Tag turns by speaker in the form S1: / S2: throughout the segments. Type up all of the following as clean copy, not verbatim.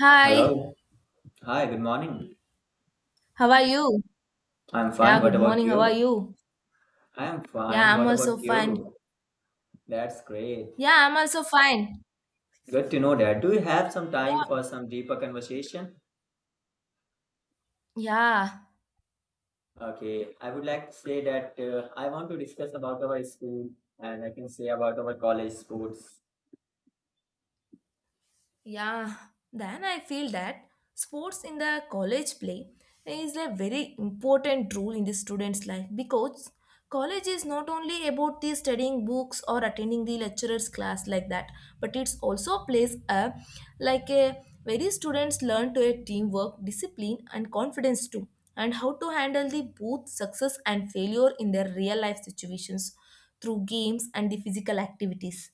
S1: Hi,
S2: Hello. Hi, good morning.
S1: how are you?
S2: I'm
S1: Yeah,
S2: fine. What
S1: good
S2: about
S1: morning. How are
S2: you?
S1: you?
S2: I'm
S1: Yeah,
S2: fine.
S1: I'm
S2: What
S1: also
S2: about
S1: fine.
S2: you? That's great.
S1: Yeah, I'm also fine.
S2: Good to know that. Do you have some time
S1: Yeah,
S2: for some deeper conversation?
S1: yeah.
S2: Okay. I would like to say that I want to discuss about our school and I can say about our college sports.
S1: Yeah, then I feel that sports in the college play is a very important role in the student's life, because college is not only about the studying books or attending the lecturer's class like that, but it's also plays a like a very students learn to a teamwork, discipline and confidence too, and how to handle the both success and failure in their real life situations through games and the physical activities.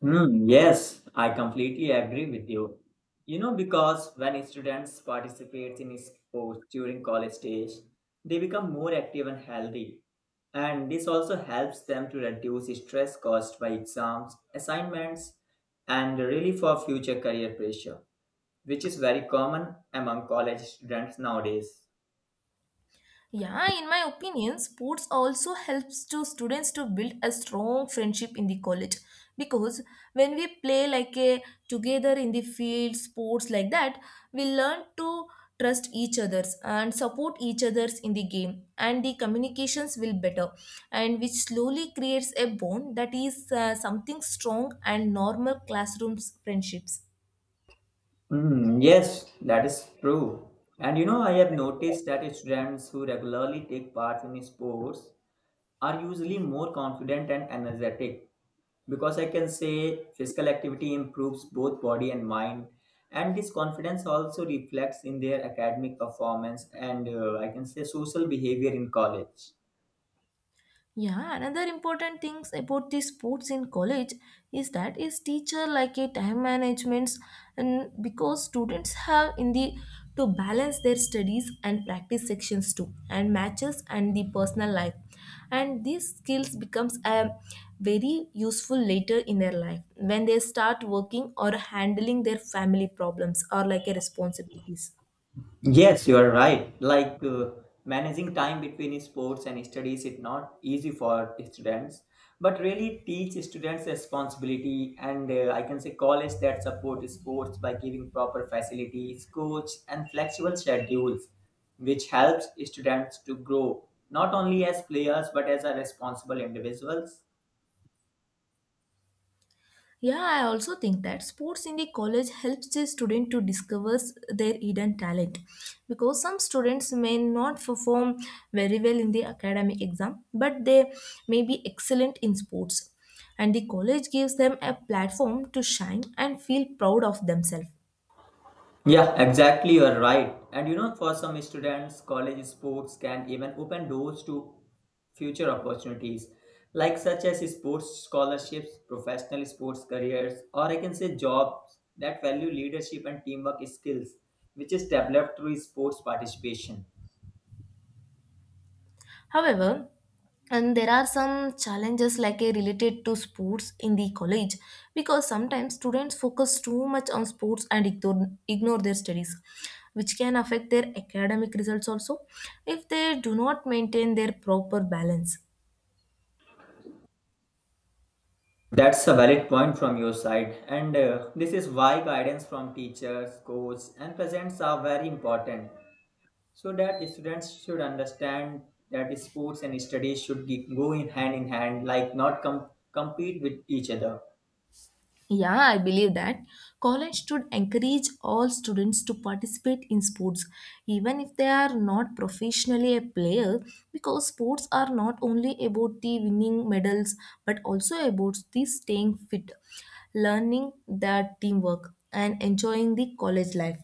S2: Yes, I completely agree with you. Because when students participate in sports during college stage, they become more active and healthy. And this also helps them to reduce stress caused by exams, assignments, and really for future career pressure, which is very common among college students nowadays.
S1: Yeah, in my opinion, sports also helps to students to build a strong friendship in the college because when we play like a together in the field sports like that, we learn to trust each others and support each others in the game and the communications will better and which slowly creates a bond that is something strong and normal classrooms friendships.
S2: Yes, that is true. And you know, I have noticed that students who regularly take part in sports are usually more confident and energetic because I can say physical activity improves both body and mind, and this confidence also reflects in their academic performance and I can say social behavior in college.
S1: Yeah, another important things about the sports in college is that is teacher like a time managements and because students have in the to balance their studies and practice sections too and matches and the personal life and these skills becomes a very useful later in their life when they start working or handling their family problems or like a responsibilities.
S2: Yes, you are right. Like managing time between sports and studies is not easy for students, but really teach students responsibility and I can say college that support sports by giving proper facilities, coach, and flexible schedules, which helps students to grow not only as players but as a responsible individuals.
S1: Yeah, I also think that sports in the college helps the student to discover their hidden talent because some students may not perform very well in the academic exam, but they may be excellent in sports. And the college gives them a platform to shine and feel proud of themselves.
S2: Yeah, exactly. You're right. And you know, for some students, college sports can even open doors to future opportunities, like such as sports scholarships, professional sports careers, or I can say jobs that value leadership and teamwork skills, which is developed through sports participation.
S1: However, and there are some challenges like a related to sports in the college, because sometimes students focus too much on sports and ignore their studies, which can affect their academic results also if they do not maintain their proper balance.
S2: That's a valid point from your side, and this is why guidance from teachers, coaches, and parents are very important so that students should understand that sports and studies should go in hand in hand, like not compete with each other.
S1: Yeah, I believe that college should encourage all students to participate in sports, even if they are not professionally a player, because sports are not only about the winning medals but also about the staying fit, learning that teamwork, and enjoying the college life.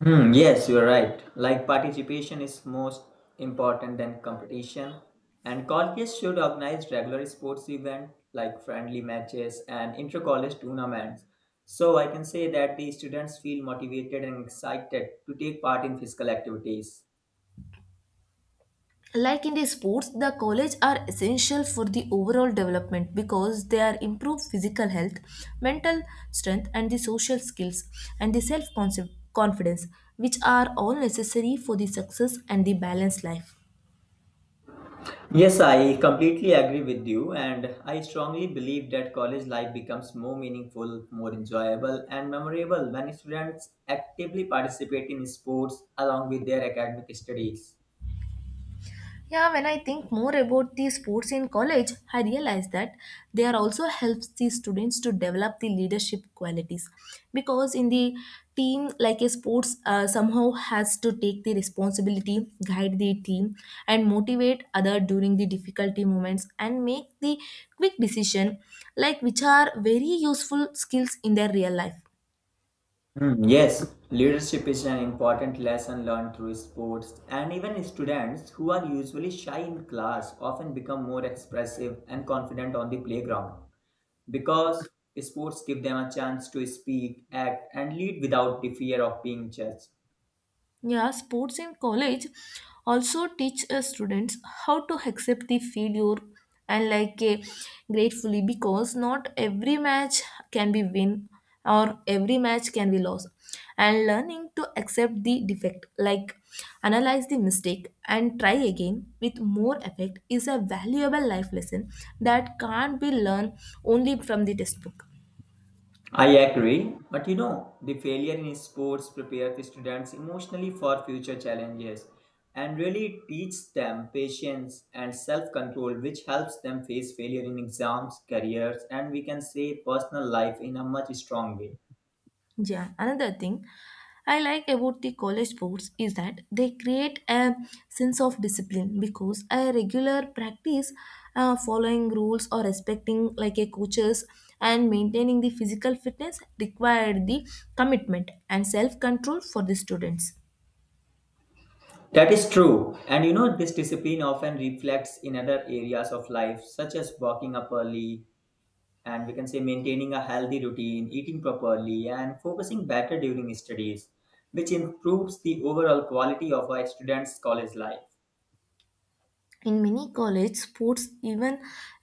S2: Yes, you are right. Like participation is most important than competition, and colleges should organize regular sports event like friendly matches and inter-college tournaments, so I can say that the students feel motivated and excited to take part in physical activities.
S1: Like in the sports the college are essential for the overall development, because they are improve physical health, mental strength and the social skills and the self confidence, which are all necessary for the success and the balanced life.
S2: Yes, I completely agree with you, and I strongly believe that college life becomes more meaningful, more enjoyable, and memorable when students actively participate in sports along with their academic studies.
S1: Yeah, when I think more about the sports in college, I realize that they are also helps the students to develop the leadership qualities, because in the team like a sports somehow has to take the responsibility guide the team and motivate other during the difficulty moments and make the quick decision, like which are very useful skills in their real life.
S2: Yes, leadership is an important lesson learned through sports, and even students who are usually shy in class often become more expressive and confident on the playground because sports give them a chance to speak, act, and lead without the fear of being judged.
S1: Yeah, sports in college also teach students how to accept the failure and gratefully, because not every match can be win or every match can be lost, and learning to accept the defect like analyze the mistake and try again with more effect is a valuable life lesson that can't be learned only from the textbook.
S2: I agree, but you know, the failure in sports prepares the students emotionally for future challenges and really teaches them patience and self-control, which helps them face failure in exams, careers, and we can say personal life in a much strong way.
S1: Yeah, another thing I like about the college sports is that they create a sense of discipline, because a regular practice, following rules or respecting like a coaches and maintaining the physical fitness required the commitment and self control for the students.
S2: That is true. And you know, this discipline often reflects in other areas of life such as walking up early, and we can say maintaining a healthy routine, eating properly, and focusing better during studies, which improves the overall quality of a student's college life.
S1: In many college sports even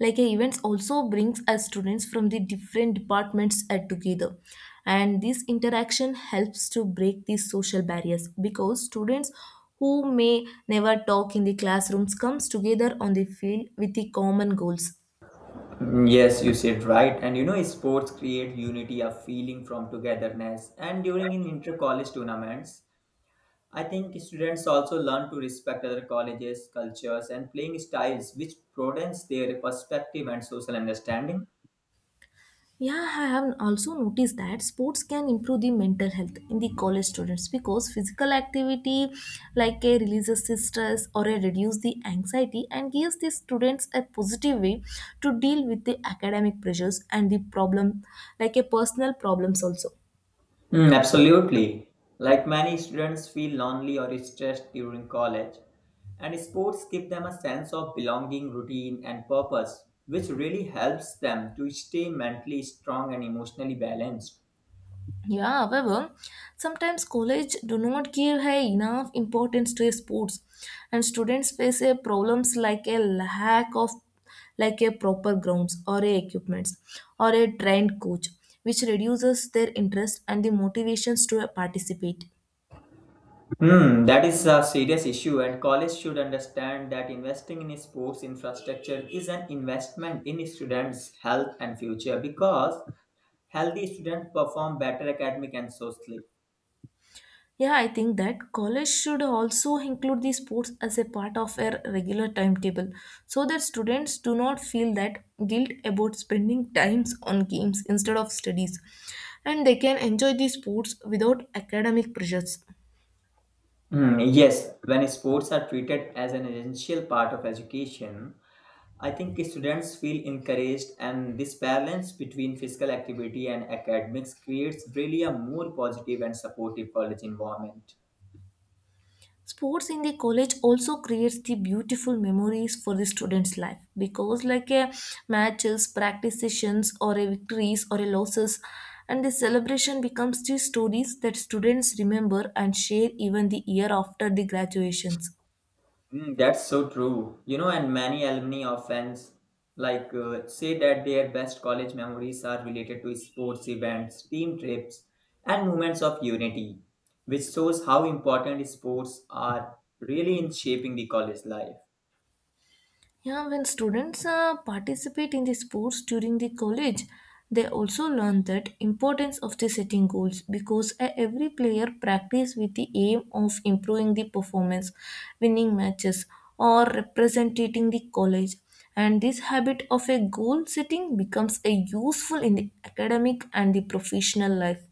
S1: like a events also brings us students from the different departments together, and this interaction helps to break these social barriers because students who may never talk in the classrooms comes together on the field with the common goals.
S2: Yes, you said right. And you know, sports create unity, a feeling from togetherness. And during in inter-college tournaments, I think students also learn to respect other colleges, cultures, and playing styles, which broadens their perspective and social understanding.
S1: Yeah, I have also noticed that sports can improve the mental health in the college students because physical activity like a releases the stress or a reduce the anxiety and gives the students a positive way to deal with the academic pressures and the problem like a personal problems also.
S2: Absolutely. Like many students feel lonely or stressed during college, and sports give them a sense of belonging, routine, and purpose, which really helps them to stay mentally strong and emotionally balanced.
S1: Yeah, however, sometimes college do not give high enough importance to sports, and students face a problems like a lack of like a proper grounds or a equipments or a trained coach, which reduces their interest and the motivations to participate.
S2: That is a serious issue, and college should understand that investing in sports infrastructure is an investment in students' health and future because healthy students perform better academic and socially.
S1: Yeah, I think that college should also include the sports as a part of their regular timetable, so that students do not feel that guilt about spending times on games instead of studies and they can enjoy the sports without academic pressures.
S2: Yes, when sports are treated as an essential part of education, I think students feel encouraged, and this balance between physical activity and academics creates really a more positive and supportive college environment.
S1: Sports in the college also creates the beautiful memories for the students life, because like a matches practice sessions or a victories or a losses and the celebration becomes the stories that students remember and share even the year after the graduations.
S2: That's so true. You know, and many alumni often say that their best college memories are related to sports events, team trips, and moments of unity, which shows how important sports are really in shaping the college life.
S1: Yeah, when students participate in the sports during the college, they also learn that importance of the setting goals, because every player practice with the aim of improving the performance, winning matches, or representing the college. And this habit of a goal setting becomes a useful in the academic and the professional life.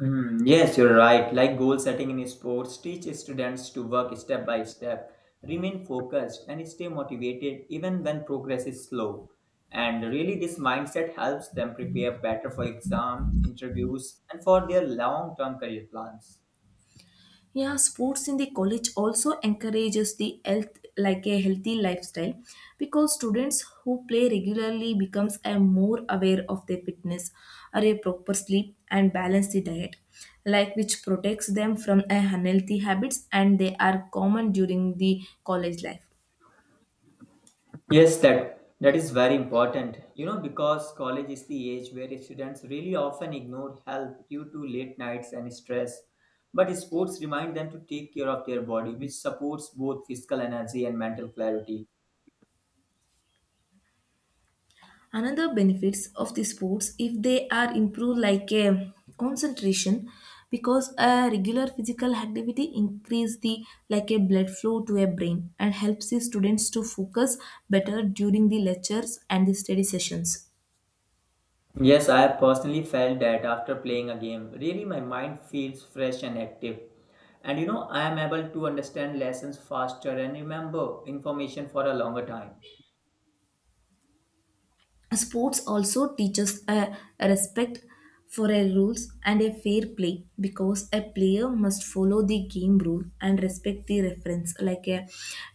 S2: Yes, you're right. Like goal setting in sports, teach students to work step by step, remain focused, and stay motivated even when progress is slow. And really, this mindset helps them prepare better for exams, interviews, and for their long term career plans.
S1: Yeah, sports in the college also encourages the health like a healthy lifestyle, because students who play regularly becomes a more aware of their fitness are a proper sleep and balance the diet, like which protects them from a unhealthy habits and they are common during the college life.
S2: Yes, that is very important. You know, because college is the age where students really often ignore health due to late nights and stress. But sports remind them to take care of their body, which supports both physical energy and mental clarity.
S1: Another benefits of the sports if they are improved like a concentration, because a regular physical activity increase the like a blood flow to a brain and helps the students to focus better during the lectures and the study sessions.
S2: Yes, I have personally felt that after playing a game, really my mind feels fresh and active. And you know, I am able to understand lessons faster and remember information for a longer time.
S1: Sports also teaches a respect for a rules and a fair play, because a player must follow the game rule and respect the reference like a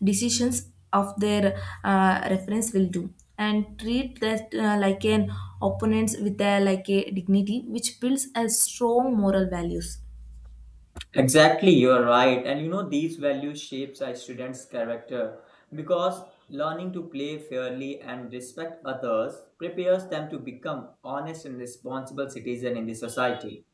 S1: decisions of their reference will do and treat that like an opponents with a like a dignity, which builds a strong moral values.
S2: Exactly, you're right. And you know, these values shapes a student's character because learning to play fairly and respect others prepares them to become honest and responsible citizen in the society.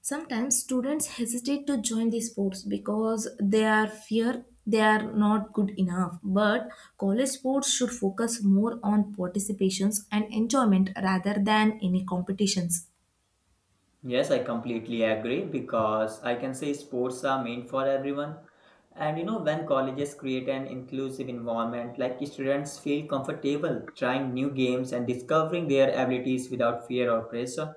S1: Sometimes students hesitate to join these sports because they are fear they are not good enough. But college sports should focus more on participations and enjoyment rather than any competitions.
S2: Yes, I completely agree because I can say sports are meant for everyone. And you know, when colleges create an inclusive environment, like students feel comfortable trying new games and discovering their abilities without fear or pressure.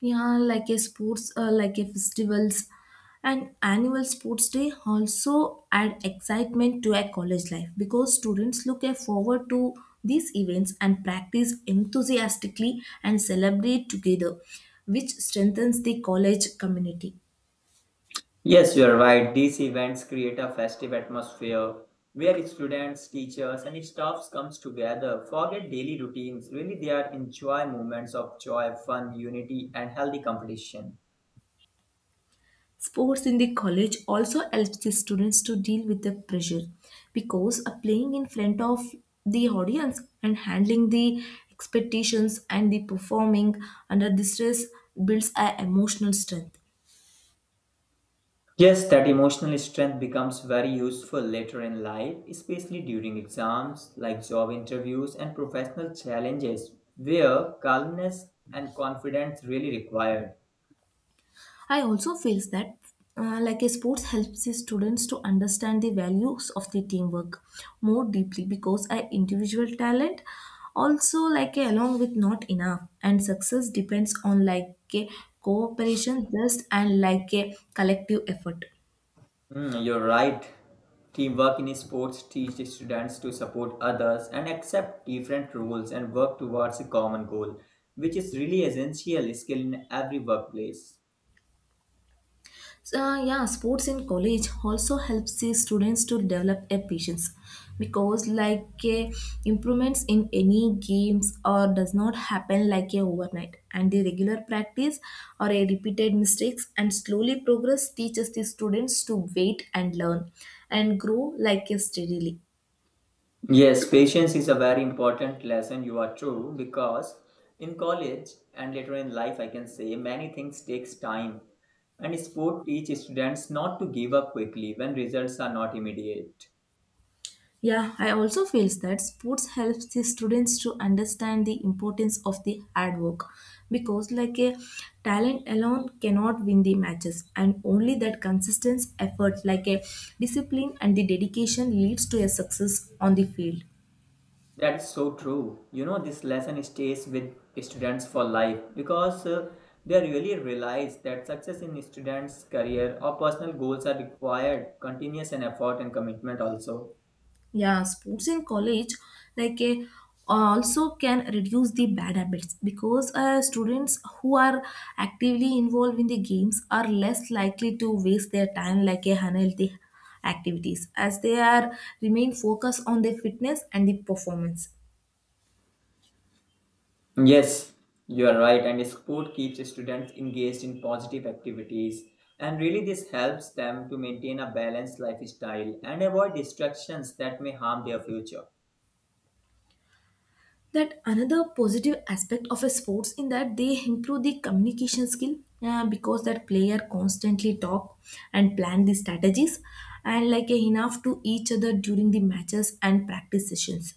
S1: Yeah, like a sports like a festivals and annual sports day also add excitement to a college life, because students look a forward to these events and practice enthusiastically and celebrate together, which strengthens the college community.
S2: Yes, you're right. These events create a festive atmosphere where students, teachers, and staffs comes together. Forget daily routines. Really, they are enjoy moments of joy, fun, unity, and healthy competition.
S1: Sports in the college also helps the students to deal with the pressure, because playing in front of the audience and handling the expectations and the performing under the stress builds a emotional strength.
S2: Yes, that emotional strength becomes very useful later in life, especially during exams, like job interviews and professional challenges, where calmness and confidence really required.
S1: I also feels that like a sports helps the students to understand the values of the teamwork more deeply, because a individual talent also like a, along with not enough and success depends on like a cooperation just and like a collective effort.
S2: You're right. Teamwork in sports teaches students to support others and accept different roles and work towards a common goal, which is really essential skill in every workplace.
S1: So, yeah, sports in college also helps the students to develop a patience, because improvements in any games or does not happen like a overnight, and the regular practice or a repeated mistakes and slowly progress teaches the students to wait and learn and grow like a steadily.
S2: Yes, patience is a very important lesson. You are true because in college and later in life, I can say many things takes time, and sport teach students not to give up quickly when results are not immediate.
S1: Yeah, I also feel that sports helps the students to understand the importance of the hard work, because like a talent alone cannot win the matches, and only that consistent effort like a discipline and the dedication leads to a success on the field.
S2: That's so true. You know, this lesson stays with students for life because they really realize that success in students' career or personal goals are required continuous and effort and commitment also.
S1: Yeah, sports in college like a also can reduce the bad habits, because students who are actively involved in the games are less likely to waste their time like a unhealthy activities as they are remain focused on their fitness and the performance.
S2: Yes, you are right. And sport keeps students engaged in positive activities. And really, this helps them to maintain a balanced lifestyle and avoid distractions that may harm their future.
S1: That another positive aspect of a sports in that they improve the communication skill, because that player constantly talk and plan the strategies and like enough to each other during the matches and practice sessions.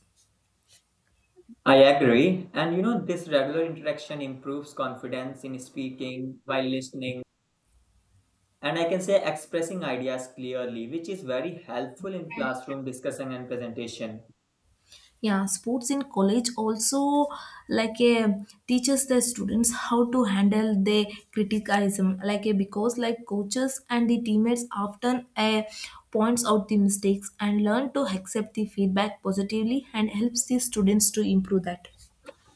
S2: I agree. And you know, this regular interaction improves confidence in speaking, while listening, and I can say expressing ideas clearly, which is very helpful in classroom discussion and presentation.
S1: Yeah, sports in college also like a teaches the students how to handle the criticism like a, because like coaches and the teammates often points out the mistakes and learn to accept the feedback positively and helps the students to improve that.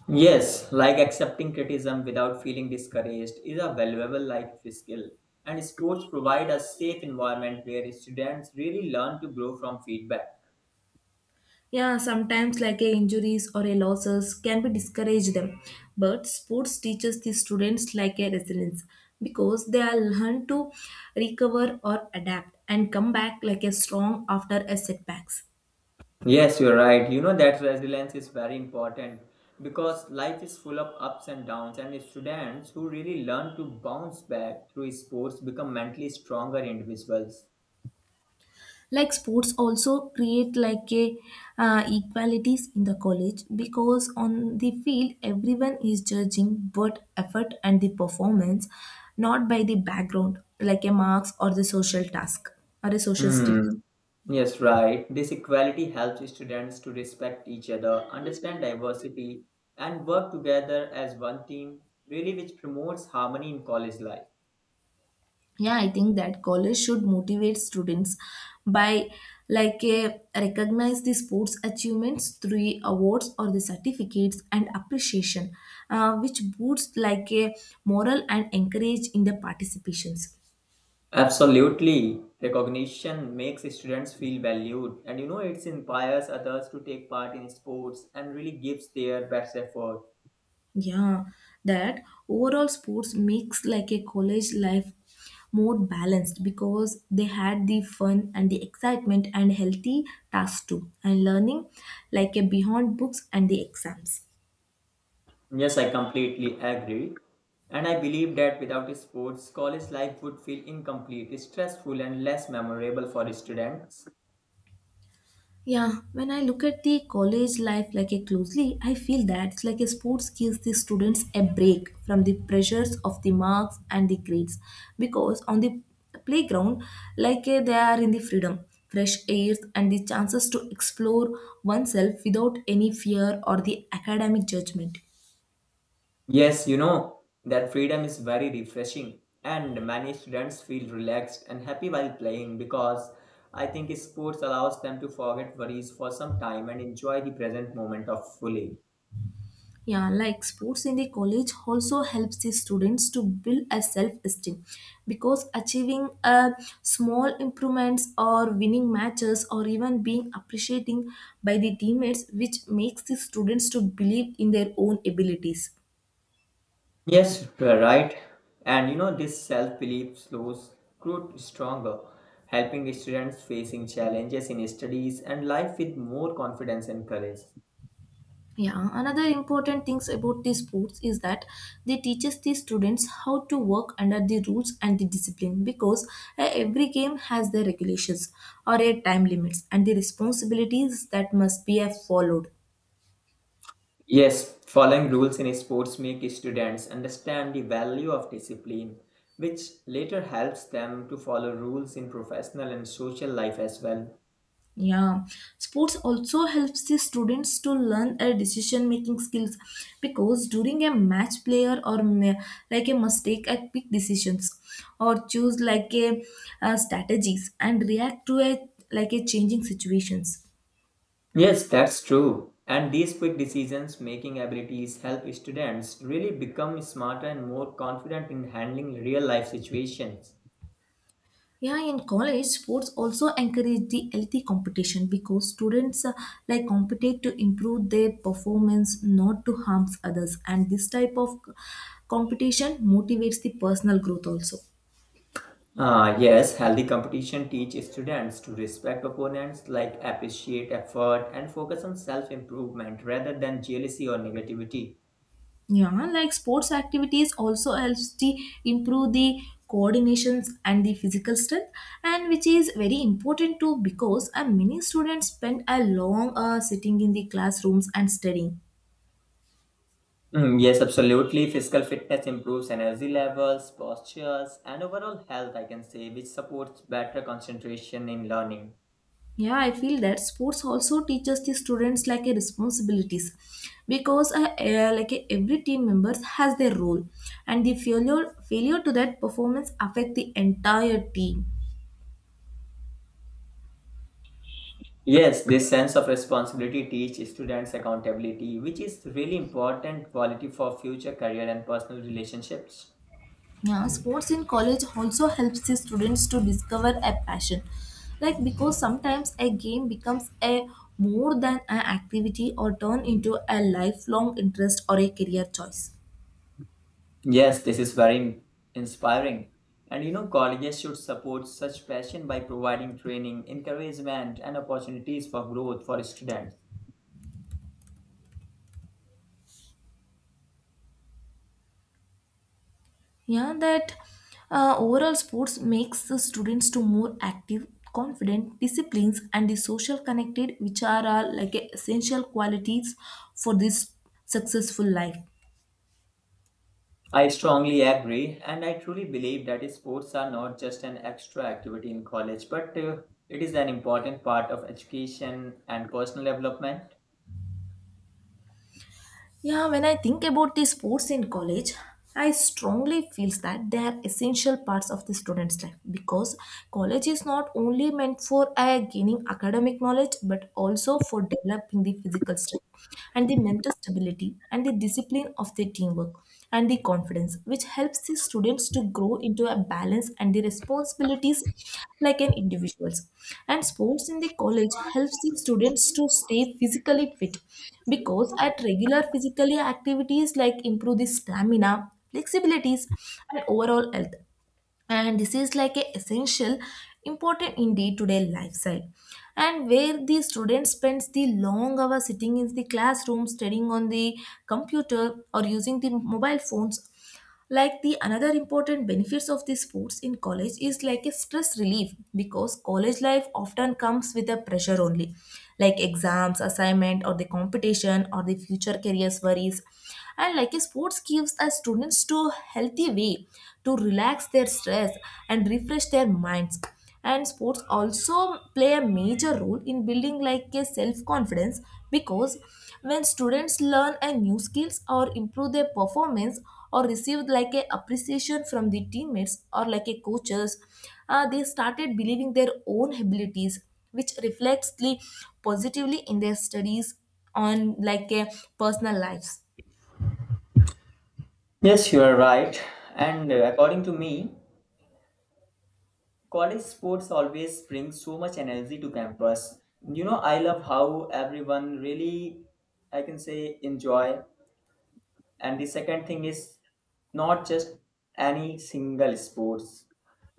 S2: Yes, like accepting criticism without feeling discouraged is a valuable life skill. And sports provide a safe environment where students really learn to grow from feedback.
S1: Yeah, sometimes like a injuries or a losses can be discourage them, but sports teaches the students like a resilience, because they are learn to recover or adapt and come back like a strong after a setbacks.
S2: Yes, you're right. You know that resilience is very important because life is full of ups and downs, and students who really learn to bounce back through sports become mentally stronger individuals.
S1: Like sports also create like a equalities in the college, because on the field everyone is judging both effort and the performance, not by the background like a marks or the social task or a social status.
S2: Hmm. Yes, right. This equality helps students to respect each other, understand diversity, and work together as one team, really, which promotes harmony in college life.
S1: Yeah, I think that college should motivate students by like uh, recognize the sports achievements through awards or the certificates and appreciation, which boosts like a moral and encourage in the participations.
S2: Absolutely. Recognition makes students feel valued, and you know, it inspires others to take part in sports and really gives their best effort.
S1: Yeah, that overall sports makes like a college life more balanced because they had the fun and the excitement and healthy tasks too, and learning like a beyond books and the exams.
S2: Yes, I completely agree. And I believe that without sports, college life would feel incomplete, stressful, and less memorable for students.
S1: Yeah, when I look at the college life like a closely, I feel that it's like a sports gives the students a break from the pressures of the marks and the grades, because on the playground, they are in the freedom, fresh air, and the chances to explore oneself without any fear or the academic judgment.
S2: Yes, you know, that freedom is very refreshing, and many students feel relaxed and happy while playing because I think sports allows them to forget worries for some time and enjoy the present moment of fully.
S1: Yeah, like sports in the college also helps the students to build a self-esteem, because achieving a small improvements or winning matches or even being appreciating by the teammates which makes the students to believe in their own abilities.
S2: Yes, you are right. And you know, this self belief slows growth stronger, helping students facing challenges in studies and life with more confidence and courage.
S1: Yeah, another important things about these sports is that they teaches the students how to work under the rules and the discipline, because every game has their regulations or a time limits and the responsibilities that must be followed.
S2: Yes, following rules in sports make students understand the value of discipline, which later helps them to follow rules in professional and social life as well.
S1: Yeah, sports also helps the students to learn a decision making skills, because during a match player like a mistake a quick decisions or choose like a strategies and react to a changing situations.
S2: Yes, that's true. And these quick decisions making abilities help students really become smarter and more confident in handling real life situations.
S1: Yeah, in college, sports also encourage the healthy competition, because students, like, compete to improve their performance, not to harm others. And this type of competition motivates the personal growth also.
S2: Ah, yes, healthy competition teaches students to respect opponents, like appreciate effort and focus on self improvement rather than jealousy or negativity.
S1: Yeah, like sports activities also helps to improve the coordinations and the physical strength, and which is very important too, because many students spend a long sitting in the classrooms and studying.
S2: Yes, absolutely. Physical fitness improves energy levels, postures, and overall health, I can say, which supports better concentration in learning.
S1: Yeah, I feel that sports also teaches the students like a responsibilities, because like a every team members has their role and the failure to that performance affect the entire team.
S2: Yes, this sense of responsibility teaches students accountability, which is really important quality for future career and personal relationships.
S1: Yeah, sports in college also helps the students to discover a passion. Like, because sometimes a game becomes a more than an activity or turn into a lifelong interest or a career choice.
S2: Yes, this is very inspiring. And you know, colleges should support such passion by providing training, encouragement, and opportunities for growth for students.
S1: Yeah, that overall sports makes the students to more active, confident, disciplines, and the social connected, which are all like a essential qualities for this successful life.
S2: I strongly agree, and I truly believe that sports are not just an extra activity in college, but it is an important part of education and personal development.
S1: Yeah, when I think about the sports in college, I strongly feels that they are essential parts of the student's life, because college is not only meant for gaining academic knowledge, but also for developing the physical strength and the mental stability and the discipline of the teamwork and the confidence which helps the students to grow into a balance and the responsibilities like an individuals. And sports in the college helps the students to stay physically fit, because at regular physical activities like improve the stamina, flexibilities, and overall health. And this is like a essential important in day-to-day lifestyle, and where the student spends the long hours sitting in the classroom studying on the computer or using the mobile phones. Like, the another important benefits of these sports in college is like a stress relief, because college life often comes with a pressure only, like exams, assignment or the competition or the future careers worries. And like a sports gives a students to healthy way to relax their stress and refresh their minds. And sports also play a major role in building like a self confidence, because when students learn a new skills or improve their performance or receive like a appreciation from the teammates or like a coaches, they started believing their own abilities, which reflects the positively in their studies on like a personal lives.
S2: Yes, you are right. And according to me, college sports always bring so much energy to campus. You know, I love how everyone really, I can say, enjoy. And the second thing is not just any single sports.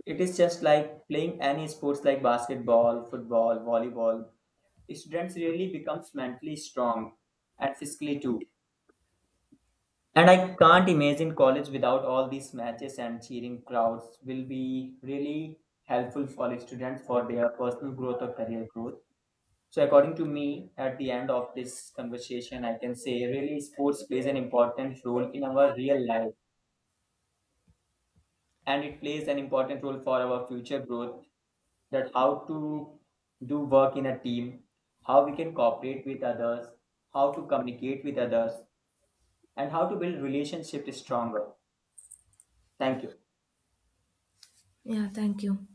S2: It is just like playing any sports like basketball, football, volleyball. Students really becomes mentally strong and physically too. And I can't imagine college without all these matches and cheering crowds will be really helpful for students for their personal growth or career growth. So according to me, at the end of this conversation, I can say really sports plays an important role in our real life and it plays an important role for our future growth, that how to do work in a team, how we can cooperate with others, how to communicate with others, and how to build relationships stronger. Thank you.
S1: Yeah, thank you.